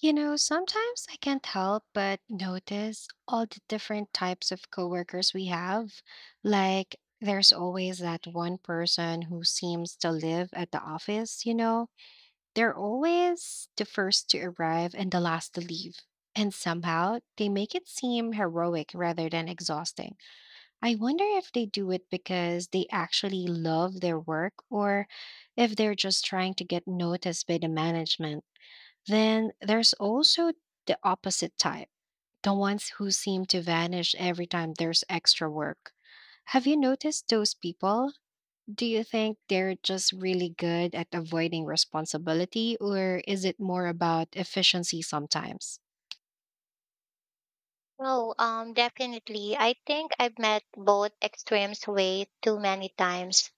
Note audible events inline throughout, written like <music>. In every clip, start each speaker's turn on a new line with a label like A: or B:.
A: You know, sometimes I can't help but notice all the different types of coworkers we have. Like, there's always that one person who seems to live at the office, you know? They're always the first to arrive and the last to leave. And somehow they make it seem heroic rather than exhausting. I wonder if they do it because they actually love their work or if they're just trying to get noticed by the management. Then there's also the opposite type, the ones who seem to vanish every time there's extra work. Have you noticed those people? Do you think they're just really good at avoiding responsibility, or is it more about efficiency sometimes?
B: No, definitely. I think I've met both extremes way too many times.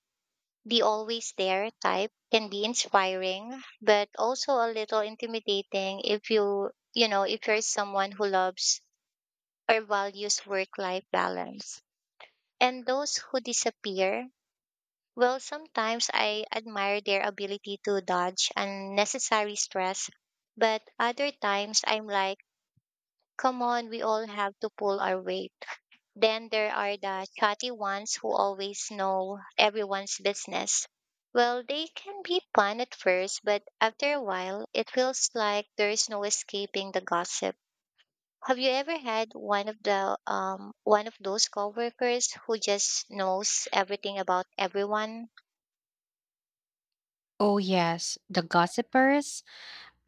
B: The always there type can be inspiring, but also a little intimidating if if you're someone who loves or values work-life balance. And those who disappear, well, sometimes I admire their ability to dodge unnecessary stress, but other times I'm like, come on, we all have to pull our weight. Then there are the chatty ones who always know everyone's business. Well, they can be fun at first, but after a while, it feels like there is no escaping the gossip. Have you ever had one of those coworkers who just knows everything about everyone?
A: Oh, yes, the gossipers.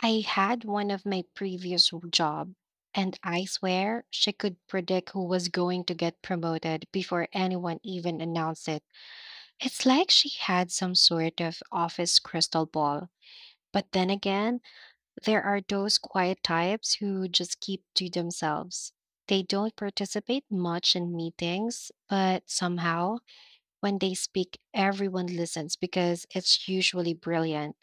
A: I had one of my previous job, and I swear she could predict who was going to get promoted before anyone even announced it. It's like she had some sort of office crystal ball. But then again, there are those quiet types who just keep to themselves. They don't participate much in meetings, but somehow, when they speak, everyone listens because it's usually brilliant.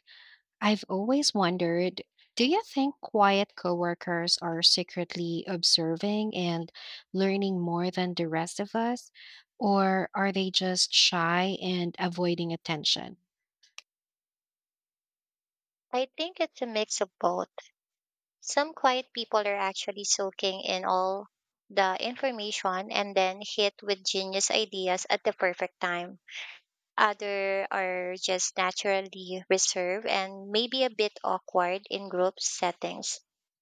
A: I've always wondered, do you think quiet coworkers are secretly observing and learning more than the rest of us? Or are they just shy and avoiding attention?
B: I think it's a mix of both. Some quiet people are actually soaking in all the information and then hit with genius ideas at the perfect time. Other are just naturally reserved and maybe a bit awkward in group settings.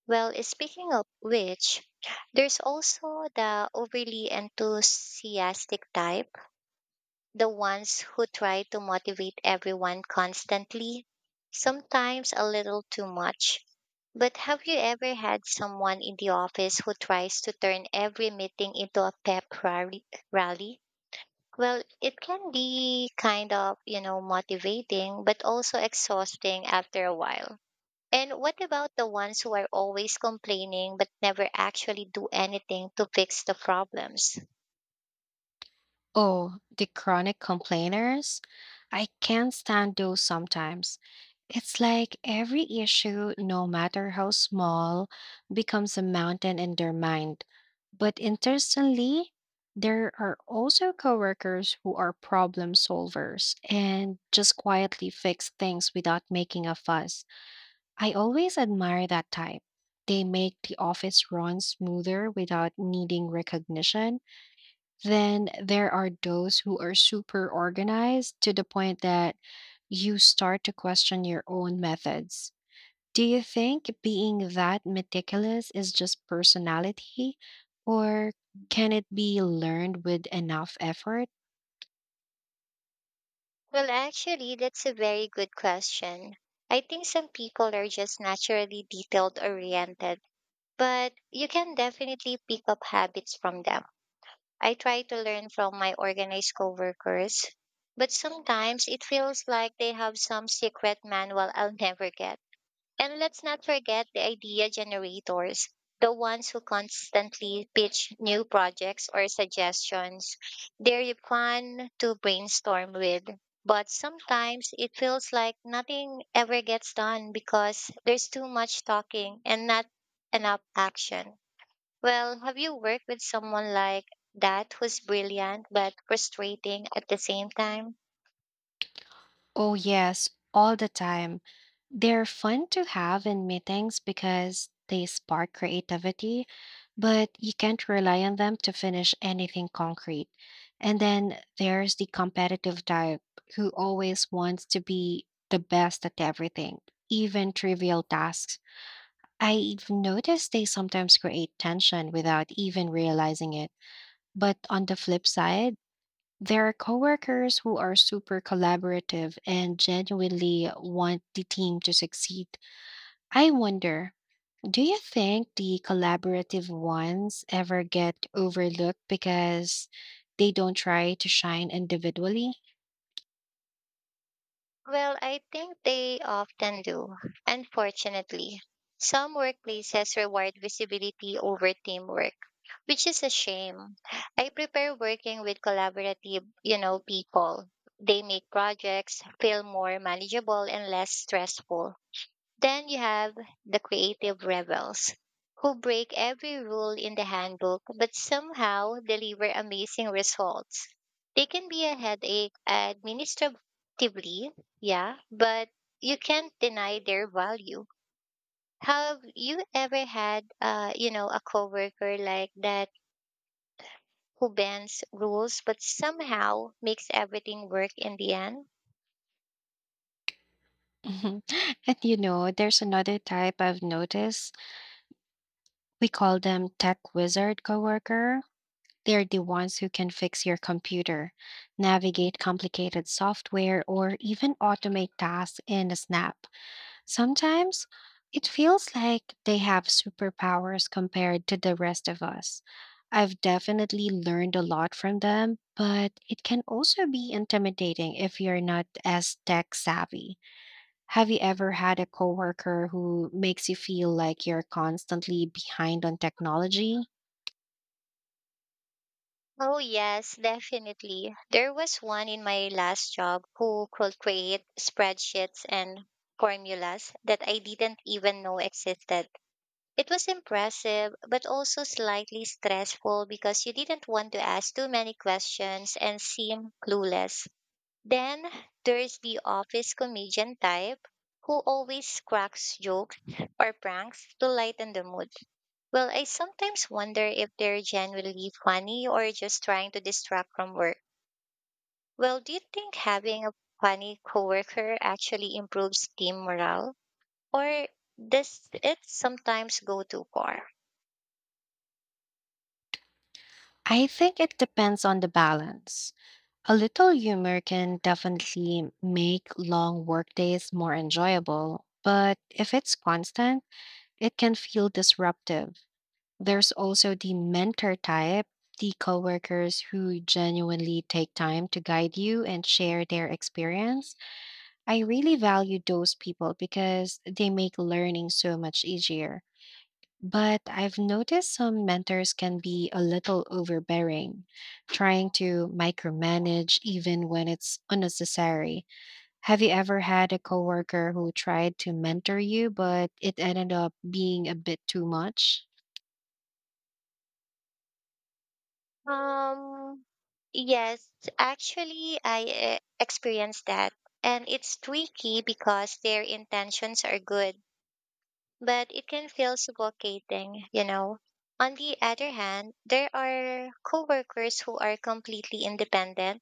B: Well, speaking of which, there's also the overly enthusiastic type, the ones who try to motivate everyone constantly, sometimes a little too much. But have you ever had someone in the office who tries to turn every meeting into a pep rally? Well, it can be kind of, motivating, but also exhausting after a while. And what about the ones who are always complaining but never actually do anything to fix the problems?
A: Oh, the chronic complainers? I can't stand those sometimes. It's like every issue, no matter how small, becomes a mountain in their mind. But interestingly, there are also coworkers who are problem solvers and just quietly fix things without making a fuss. I always admire that type. They make the office run smoother without needing recognition. Then there are those who are super organized to the point that you start to question your own methods. Do you think being that meticulous is just personality, or can it be learned with enough effort?
B: Well, actually, that's a very good question. I think some people are just naturally detailed oriented, but you can definitely pick up habits from them. I try to learn from my organized coworkers, but sometimes it feels like they have some secret manual I'll <laughs> never get. And let's not forget the idea generators, the ones who constantly pitch new projects or suggestions. They're fun to brainstorm with, but sometimes it feels like nothing ever gets done because there's too much talking and not enough action. Well, have you worked with someone like that who's brilliant but frustrating at the same time?
A: Oh, yes, all the time. They're fun to have in meetings because they spark creativity, but you can't rely on them to finish anything concrete. And then there's the competitive type who always wants to be the best at everything, even trivial tasks. I've noticed they sometimes create tension without even realizing it. But on the flip side, there are coworkers who are super collaborative and genuinely want the team to succeed. I wonder, do you think the collaborative ones ever get overlooked because they don't try to shine individually?
B: Well, I think they often do, unfortunately. Some workplaces reward visibility over teamwork, which is a shame. I prefer working with collaborative people. They make projects feel more manageable and less stressful. Then you have the creative rebels who break every rule in the handbook but somehow deliver amazing results. They can be a headache administratively, yeah, but you can't deny their value. Have you ever had a coworker like that who bends rules but somehow makes everything work in the end?
A: Mhm. <laughs> And you know, there's another type I've noticed. We call them tech wizard coworker. They're the ones who can fix your computer, navigate complicated software, or even automate tasks in a snap. Sometimes it feels like they have superpowers compared to the rest of us. I've definitely learned a lot from them, but it can also be intimidating if you're not as tech savvy. Have you ever had a coworker who makes you feel like you're constantly behind on technology?
B: Oh, yes, definitely. There was one in my last job who could create spreadsheets and formulas that I didn't even know existed. It was impressive, but also slightly stressful because you didn't want to ask too many questions and seem clueless. Then there's the office comedian type who always cracks jokes or pranks to lighten the mood. Well, I sometimes wonder if they're genuinely funny or just trying to distract from work. Well, do you think having a funny coworker actually improves team morale? Or does it sometimes go too far?
A: I think it depends on the balance. A little humor can definitely make long workdays more enjoyable, but if it's constant, it can feel disruptive. There's also the mentor type, the coworkers who genuinely take time to guide you and share their experience. I really value those people because they make learning so much easier. But I've noticed some mentors can be a little overbearing, trying to micromanage even when it's unnecessary. Have you ever had a coworker who tried to mentor you, but it ended up being a bit too much?
B: Um, yes, actually, I experienced that. And it's tricky because their intentions are good, but it can feel suffocating. On the other hand, there are coworkers who are completely independent.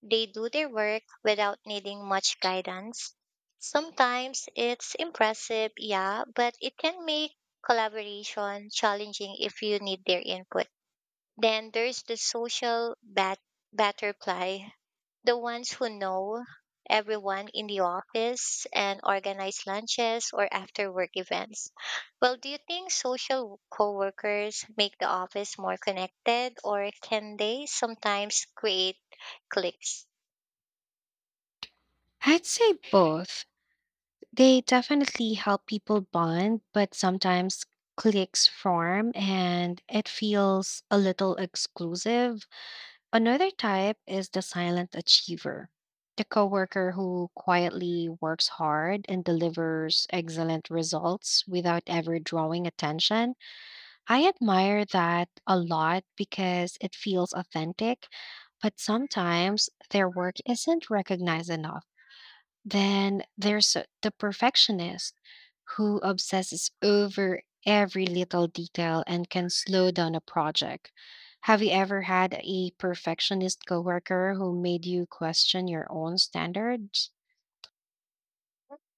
B: They do their work without needing much guidance. Sometimes it's impressive, yeah, but it can make collaboration challenging if you need their input. Then there's the social butterfly, the ones who know everyone in the office and organize lunches or after work events. Well, do you think social coworkers make the office more connected or can they sometimes create cliques?
A: I'd say both. They definitely help people bond, but sometimes cliques form and it feels a little exclusive. Another type is the silent achiever, the coworker who quietly works hard and delivers excellent results without ever drawing attention. I admire that a lot because it feels authentic, but sometimes their work isn't recognized enough. Then there's the perfectionist who obsesses over every little detail and can slow down a project. Have you ever had a perfectionist coworker who made you question your own standards?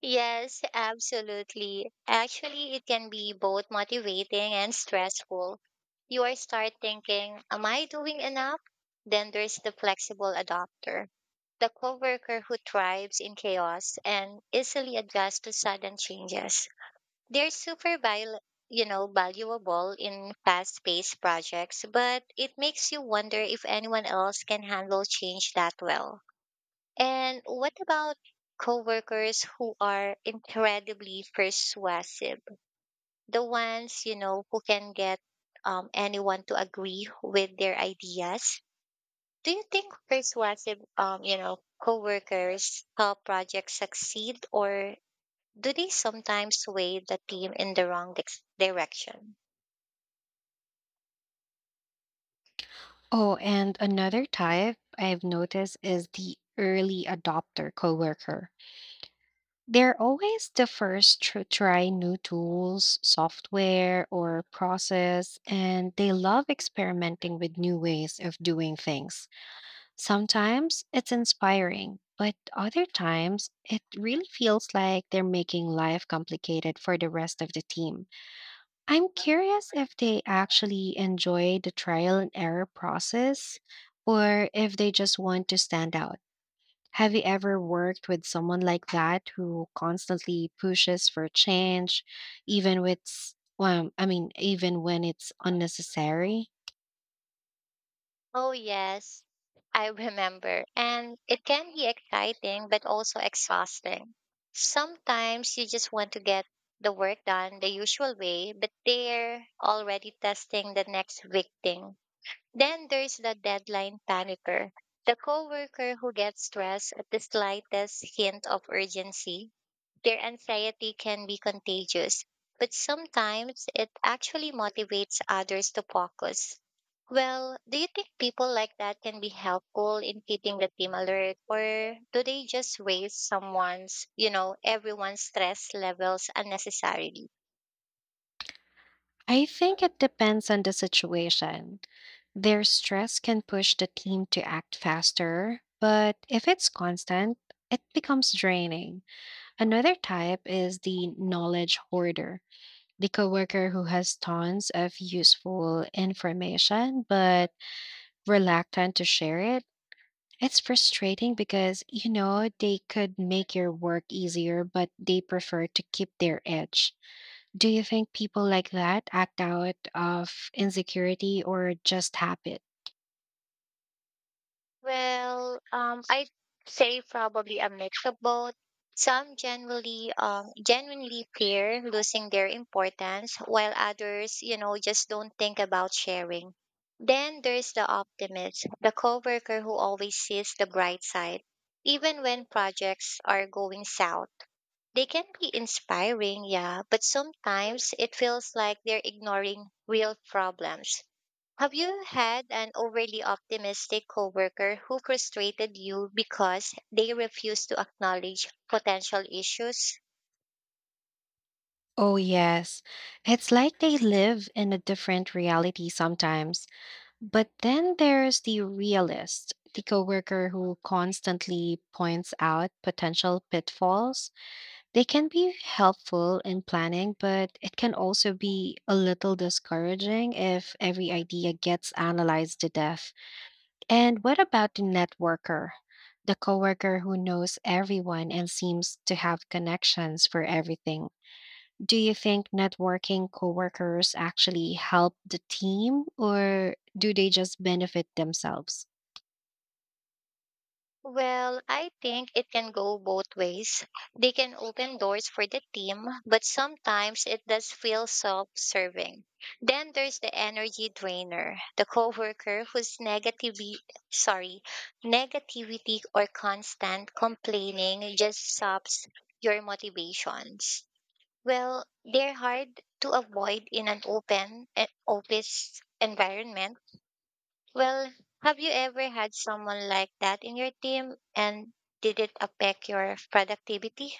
B: Yes, absolutely. Actually, it can be both motivating and stressful. You are start thinking, am I doing enough? Then there's the flexible adapter, the coworker who thrives in chaos and easily adjusts to sudden changes. They're super val- you know, valuable in fast-paced projects, but it makes you wonder if anyone else can handle change that well. And what about coworkers who are incredibly persuasive? The ones who can get anyone to agree with their ideas. Do you think persuasive coworkers help projects succeed or do they sometimes sway the team in the wrong direction?
A: Oh, and another type I've noticed is the early adopter coworker. They're always the first to try new tools, software, or process, and they love experimenting with new ways of doing things. Sometimes it's inspiring, but other times it really feels like they're making life complicated for the rest of the team. I'm curious if they actually enjoy the trial and error process or if they just want to stand out. Have you ever worked with someone like that who constantly pushes for change, even with, well, I mean, even when it's unnecessary?
B: Oh, yes, I remember. And it can be exciting, but also exhausting. Sometimes you just want to get the work done the usual way, but they're already testing the next big thing. Then there's the deadline panicker, the coworker who gets stressed at the slightest hint of urgency. Their anxiety can be contagious, but sometimes it actually motivates others to focus. Well, do you think people like that can be helpful in keeping the team alert, or do they just raise everyone's stress levels unnecessarily?
A: I think it depends on the situation. Their stress can push the team to act faster, but if it's constant, it becomes draining. Another type is the knowledge hoarder, the coworker who has tons of useful information but reluctant to share it. It's frustrating because, you know, they could make your work easier, but they prefer to keep their edge. Do you think people like that act out of insecurity or just habit?
B: Well, I'd say probably a mix of both. Some genuinely fear losing their importance, while others, just don't think about sharing. Then there's the optimist, the coworker who always sees the bright side. Even when projects are going south, they can be inspiring, yeah, but sometimes it feels like they're ignoring real problems. Have you had an overly optimistic coworker who frustrated you because they refused to acknowledge potential issues?
A: Oh, yes. It's like they live in a different reality sometimes. But then there's the realist, the coworker who constantly points out potential pitfalls. They can be helpful in planning, but it can also be a little discouraging if every idea gets analyzed to death. And what about the networker? The coworker who knows everyone and seems to have connections for everything. Do you think networking coworkers actually help the team or do they just benefit themselves?
B: Well, I think it can go both ways. They can open doors for the team, but sometimes it does feel self-serving. Then there's the energy drainer, the coworker whose negativity, sorry, negativity or constant complaining just saps your motivations. Well, they're hard to avoid in an open office environment. Well, have you ever had someone like that in your team and did it affect your productivity?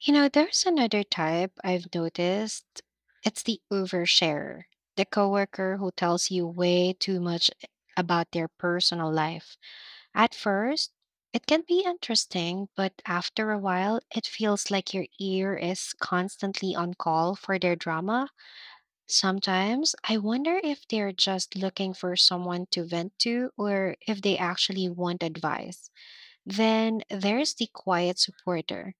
A: You know, there's another type I've noticed. It's the oversharer, the coworker who tells you way too much about their personal life. At first, it can be interesting, but after a while, it feels like your ear is constantly on call for their drama. Sometimes I wonder if they're just looking for someone to vent to or if they actually want advice. Then there's the quiet supporter,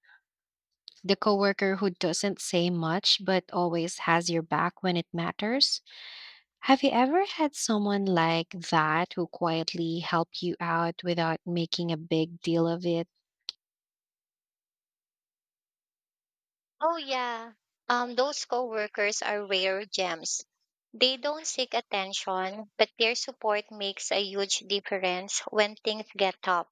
A: the coworker who doesn't say much but always has your back when it matters. Have you ever had someone like that who quietly helped you out without making a big deal of it?
B: Oh yeah. Those coworkers are rare gems. They don't seek attention, but their support makes a huge difference when things get tough.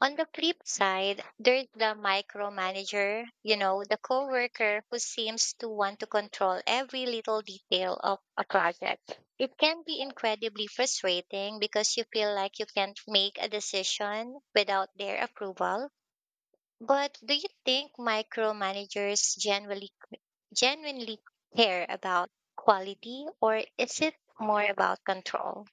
B: On the flip side, there's the micromanager, the coworker who seems to want to control every little detail of a project. It can be incredibly frustrating because you feel like you can't make a decision without their approval. But do you think micromanagers generally genuinely care about quality or is it more about control?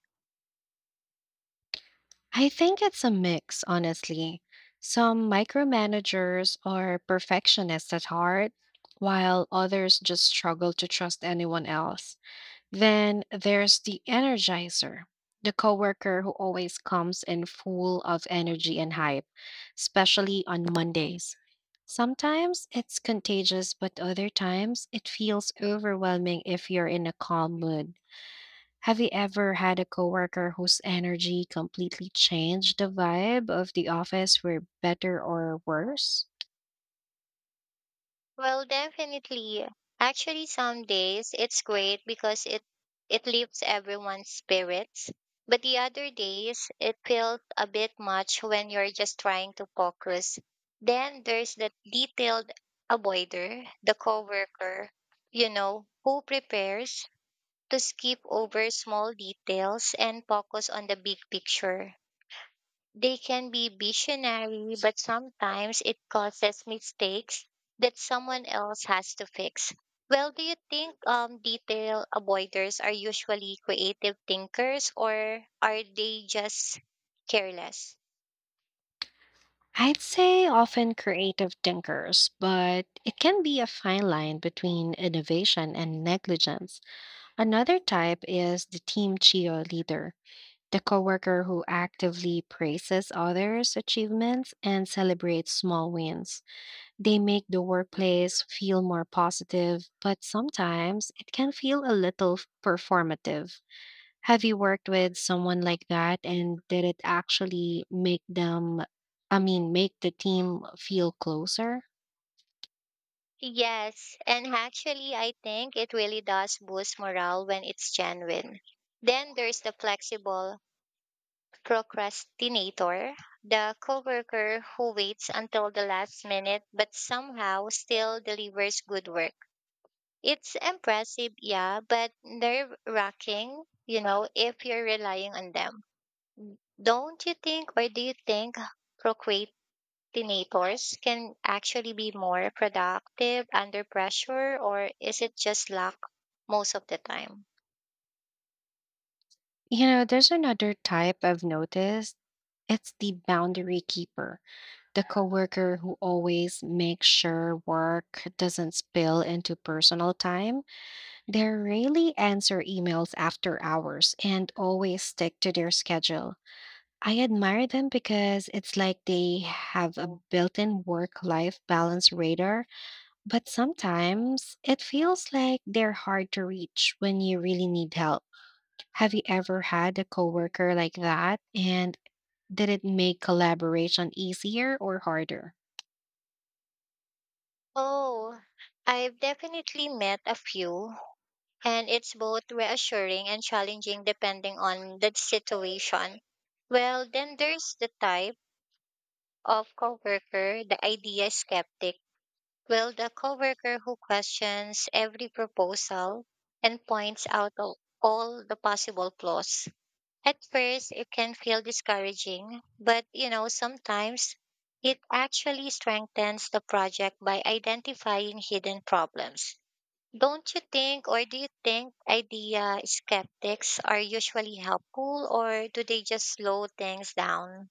A: I think it's a mix, honestly. Some micromanagers are perfectionists at heart, while others just struggle to trust anyone else. Then there's the energizer, the coworker who always comes in full of energy and hype, especially on Mondays. Sometimes it's contagious, but other times it feels overwhelming if you're in a calm mood. Have you ever had a coworker whose energy completely changed the vibe of the office for better or worse?
B: Well, definitely. Actually, some days it's great because it lifts everyone's spirits. But the other days it feels a bit much when you're just trying to focus. Then there's the detailed avoider, the coworker who prepares to skip over small details and focus on the big picture. They can be visionary, but sometimes it causes mistakes that someone else has to fix. Well, do you think detail avoiders are usually creative thinkers or are they just careless?
A: I'd say often creative thinkers, but it can be a fine line between innovation and negligence. Another type is the team cheerleader, the coworker who actively praises others' achievements and celebrates small wins. They make the workplace feel more positive, but sometimes it can feel a little performative. Have you worked with someone like that and did it actually I mean, make the team feel closer?
B: Yes, and actually, I think it really does boost morale when it's genuine. Then there's the flexible procrastinator, the coworker who waits until the last minute but somehow still delivers good work. It's impressive, yeah, but nerve wracking, if you're relying on them. Don't you think, or do you think procrastinators can actually be more productive under pressure, or is it just luck most of the time?
A: You know, there's another type I've noticed. It's the boundary keeper, the coworker who always makes sure work doesn't spill into personal time. They rarely answer emails after hours and always stick to their schedule. I admire them because it's like they have a built in work life balance radar. But sometimes it feels like they're hard to reach when you really need help. Have you ever had a coworker like that? And did it make collaboration easier or harder?
B: Oh, I've definitely met a few and it's both reassuring and challenging depending on the situation. Well, then there's the type of coworker, the idea skeptic. Well, the coworker who questions every proposal and points out all the possible flaws. At first, it can feel discouraging, but sometimes it actually strengthens the project by identifying hidden problems. Don't you think, or do you think idea skeptics are usually helpful, or do they just slow things down?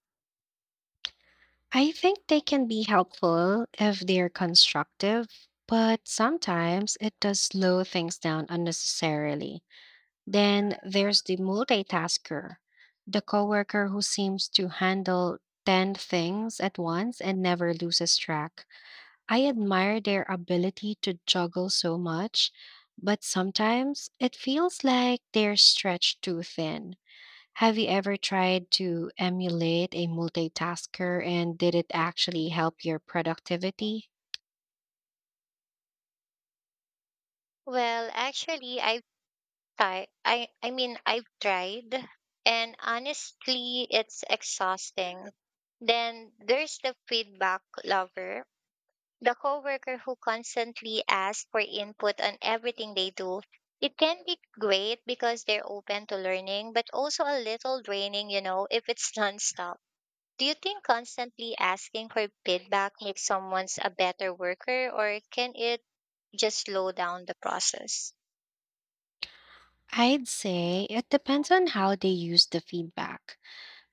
A: I think they can be helpful if they're constructive, but sometimes it does slow things down unnecessarily. Then there's the multitasker, the coworker who seems to handle 10 things at once and never loses track. I admire their ability to juggle so much, but sometimes it feels like they're stretched too thin. Have you ever tried to emulate a multitasker and did it actually help your productivity?
B: Well, actually, I've tried. I mean, I've tried, and honestly, it's exhausting. Then there's the feedback lover, the coworker who constantly asks for input on everything they do. It can be great because they're open to learning, but also a little draining, if it's <laughs> nonstop. Do you think constantly asking for feedback makes someone's a better worker or can it just slow down the process?
A: I'd say it depends on how they use the feedback.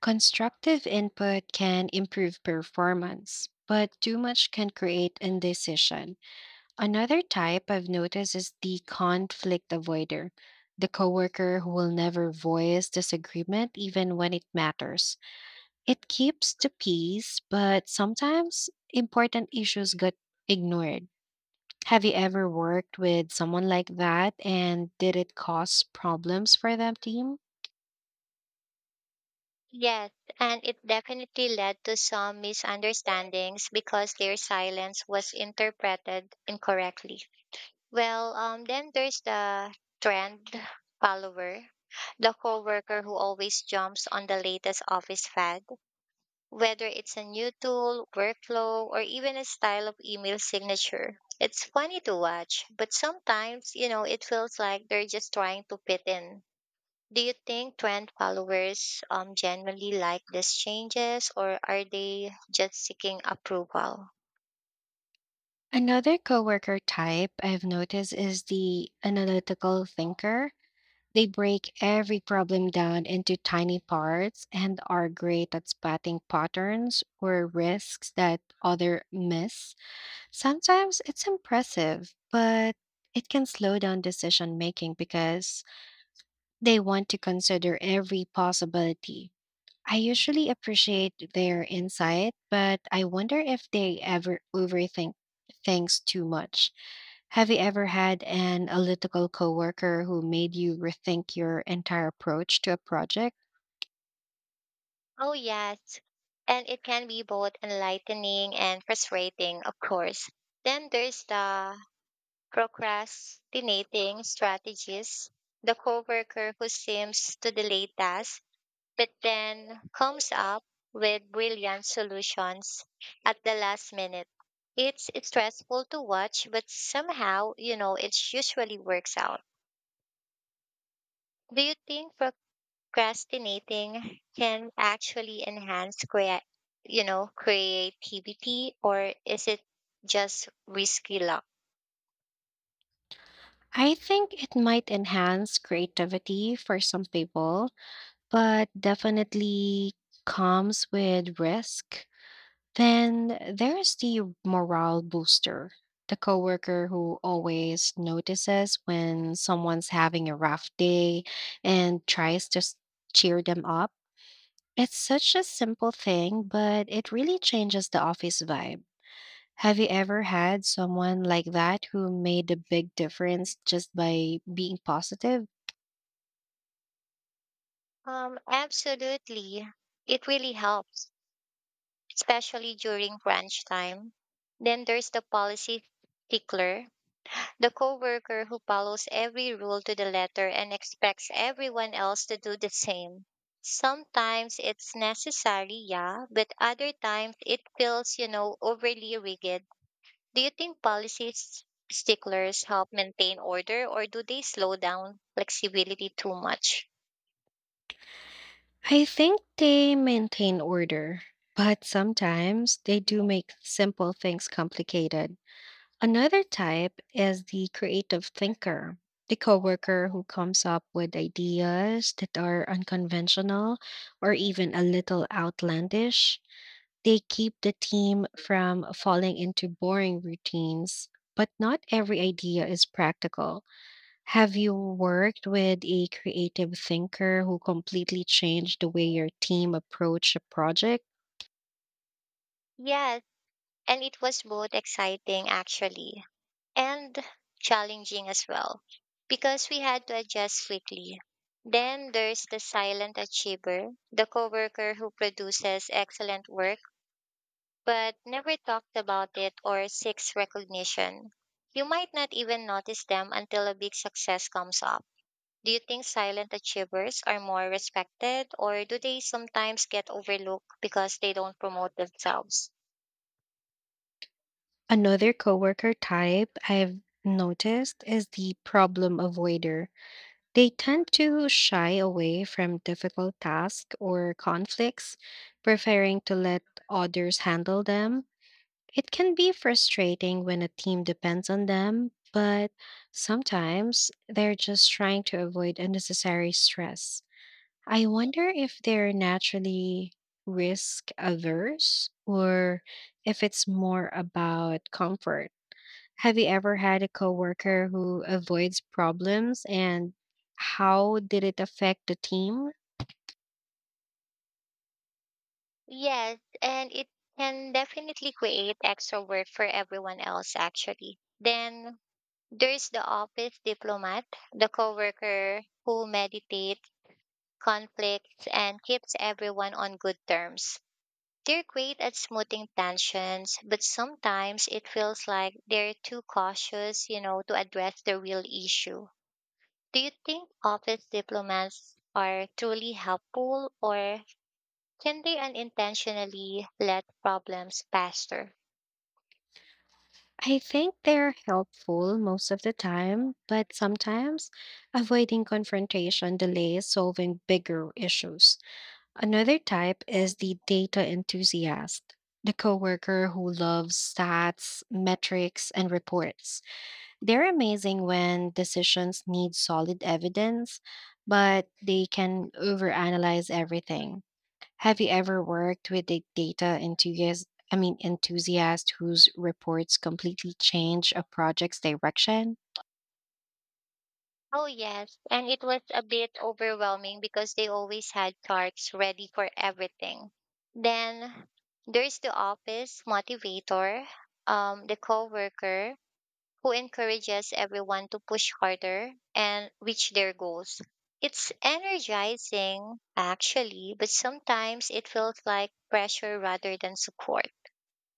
A: Constructive input can improve performance, but too much can create indecision. Another type I've noticed is the conflict avoider, the coworker who will never voice disagreement even when it matters. It keeps the peace, but sometimes important issues get ignored. Have you ever worked with someone like that and did it cause problems for the team?
B: Yes, and it definitely led to some misunderstandings because their silence was interpreted incorrectly. Well, then there's the trend follower, the coworker who always jumps on the latest office fad whether it's a new tool, workflow, or even a style of email signature. It's funny to watch, but sometimes, it feels like they're just trying to fit in. Do you think trend followers generally like these changes or are they just seeking approval?
A: Another coworker type I've noticed is the analytical thinker. They break every problem down into tiny parts and are great at spotting patterns or risks that other miss. Sometimes it's impressive, but it can slow down decision making because they want to consider every possibility. I usually appreciate their insight, but I wonder if they ever overthink things too much. Have you ever had an analytical coworker who made you rethink your entire approach to a project?
B: Oh yes. And it can be both enlightening and frustrating, of course. Then there's the procrastinating strategies, the coworker who seems to delay tasks but then comes up with brilliant solutions at the last minute. It's stressful to watch, but somehow, it usually works out. Do you think procrastinating can actually enhance creativity or is it just risky luck?
A: I think it might enhance creativity for some people, but definitely comes with risk. Then there's the morale booster, the coworker who always notices when someone's having a rough day and tries to cheer them up. It's such a simple thing, but it really changes the office vibe. Have you ever had someone like that who made a big difference just by being positive?
B: Absolutely. It really helps especially during crunch time. Then there's the policy stickler, the coworker who follows every rule to the letter and expects everyone else to do the same. Sometimes it's necessary, yeah, but other times it feels overly rigid. Do you think policy sticklers help maintain order or do they slow down flexibility too much?
A: I think they maintain order, but sometimes they do make simple things complicated. Another type is the creative thinker, the coworker who comes up with ideas that are unconventional or even a little outlandish. They keep the team from falling into boring routines, but not every idea is practical. Have you worked with a creative thinker who completely changed the way your team approached a project?
B: Yes, and it was both exciting actually. And challenging as well because we had to adjust quickly. Then there's the silent achiever, the coworker who produces excellent work but never talked about it or seeks recognition. You might not even notice them until a big success comes up. Do you think silent achievers are more respected or do they sometimes get overlooked because they don't promote themselves?
A: Another coworker type I've noticed is the problem avoider. They tend to shy away from difficult tasks or conflicts, preferring to let others handle them. It can be frustrating when a team depends on them, but sometimes they're just trying to avoid unnecessary stress. I wonder if they're naturally risk averse or if it's more about comfort. Have you ever had a coworker who avoids problems and how did it affect the team?
B: Yes, and it can definitely create extra work for everyone else, actually. Then there's the office diplomat, the coworker who meditates conflicts and keeps everyone on good terms. They're great at smoothing tensions, but sometimes it feels like they're too cautious, to address the real issue. Do you think office diplomats are truly helpful or can they unintentionally let problems faster?
A: I think they're helpful most of the time, but sometimes avoiding confrontation delays solving bigger issues. Another type is the data enthusiast, the coworker who loves stats, metrics, and reports. They're amazing when decisions need solid evidence, but they can overanalyze everything. Have you ever worked with a data enthusiast, I mean enthusiast whose reports completely change a project's direction?
B: Oh, yes. And it was a bit overwhelming because they always had charts ready for everything. Then there's the office motivator, the coworker who encourages everyone to push harder and reach their goals. It's energizing, actually, but sometimes it feels like pressure rather than support.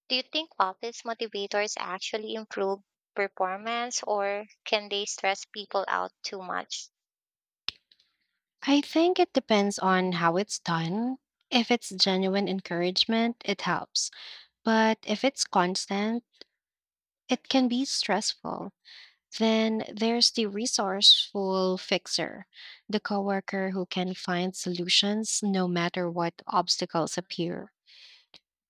B: Do you think office motivators actually improve performance or can they stress people out too much?
A: I think it depends on how it's done. If it's genuine encouragement, it helps. But if it's constant, it can be stressful. Then there's the resourceful fixer, the coworker who can find solutions no matter what obstacles appear.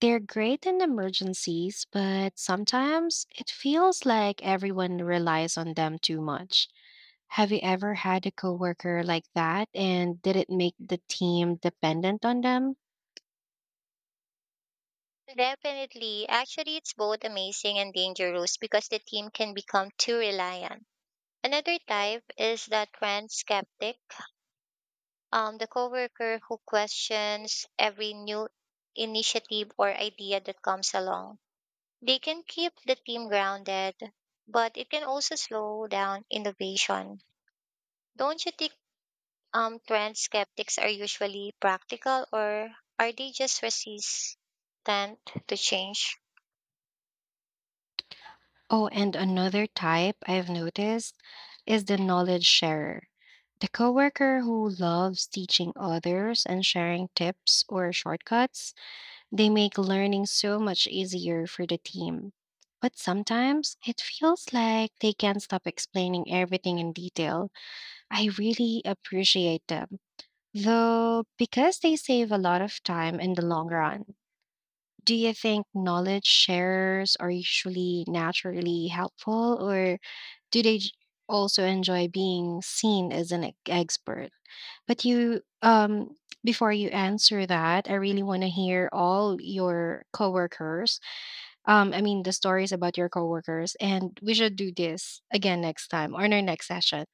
A: They're great in emergencies, but sometimes it feels like everyone relies on them too much. Have you ever had a coworker like that, and did it make the team dependent on them?
B: Definitely. Actually, it's both amazing and dangerous because the team can become too reliant. Another type is the trend skeptic, the coworker who questions every new initiative or idea that comes along. They can keep the team grounded, but it can also slow down innovation. Don't you think trend skeptics are usually practical or are they just resistant to change?
A: Oh, and another type I've noticed is the knowledge sharer. The coworker who loves teaching others and sharing tips or shortcuts. They make learning so much easier for the team. But sometimes it feels like they can't stop explaining everything in detail. I really appreciate them, though, because they save a lot of time in the long run. Do you think knowledge sharers are usually naturally helpful, or do they also enjoy being seen as an expert? But before you answer that, I really want to hear all your coworkers. I mean, the stories about your coworkers, and we should do this again next time or in our next session.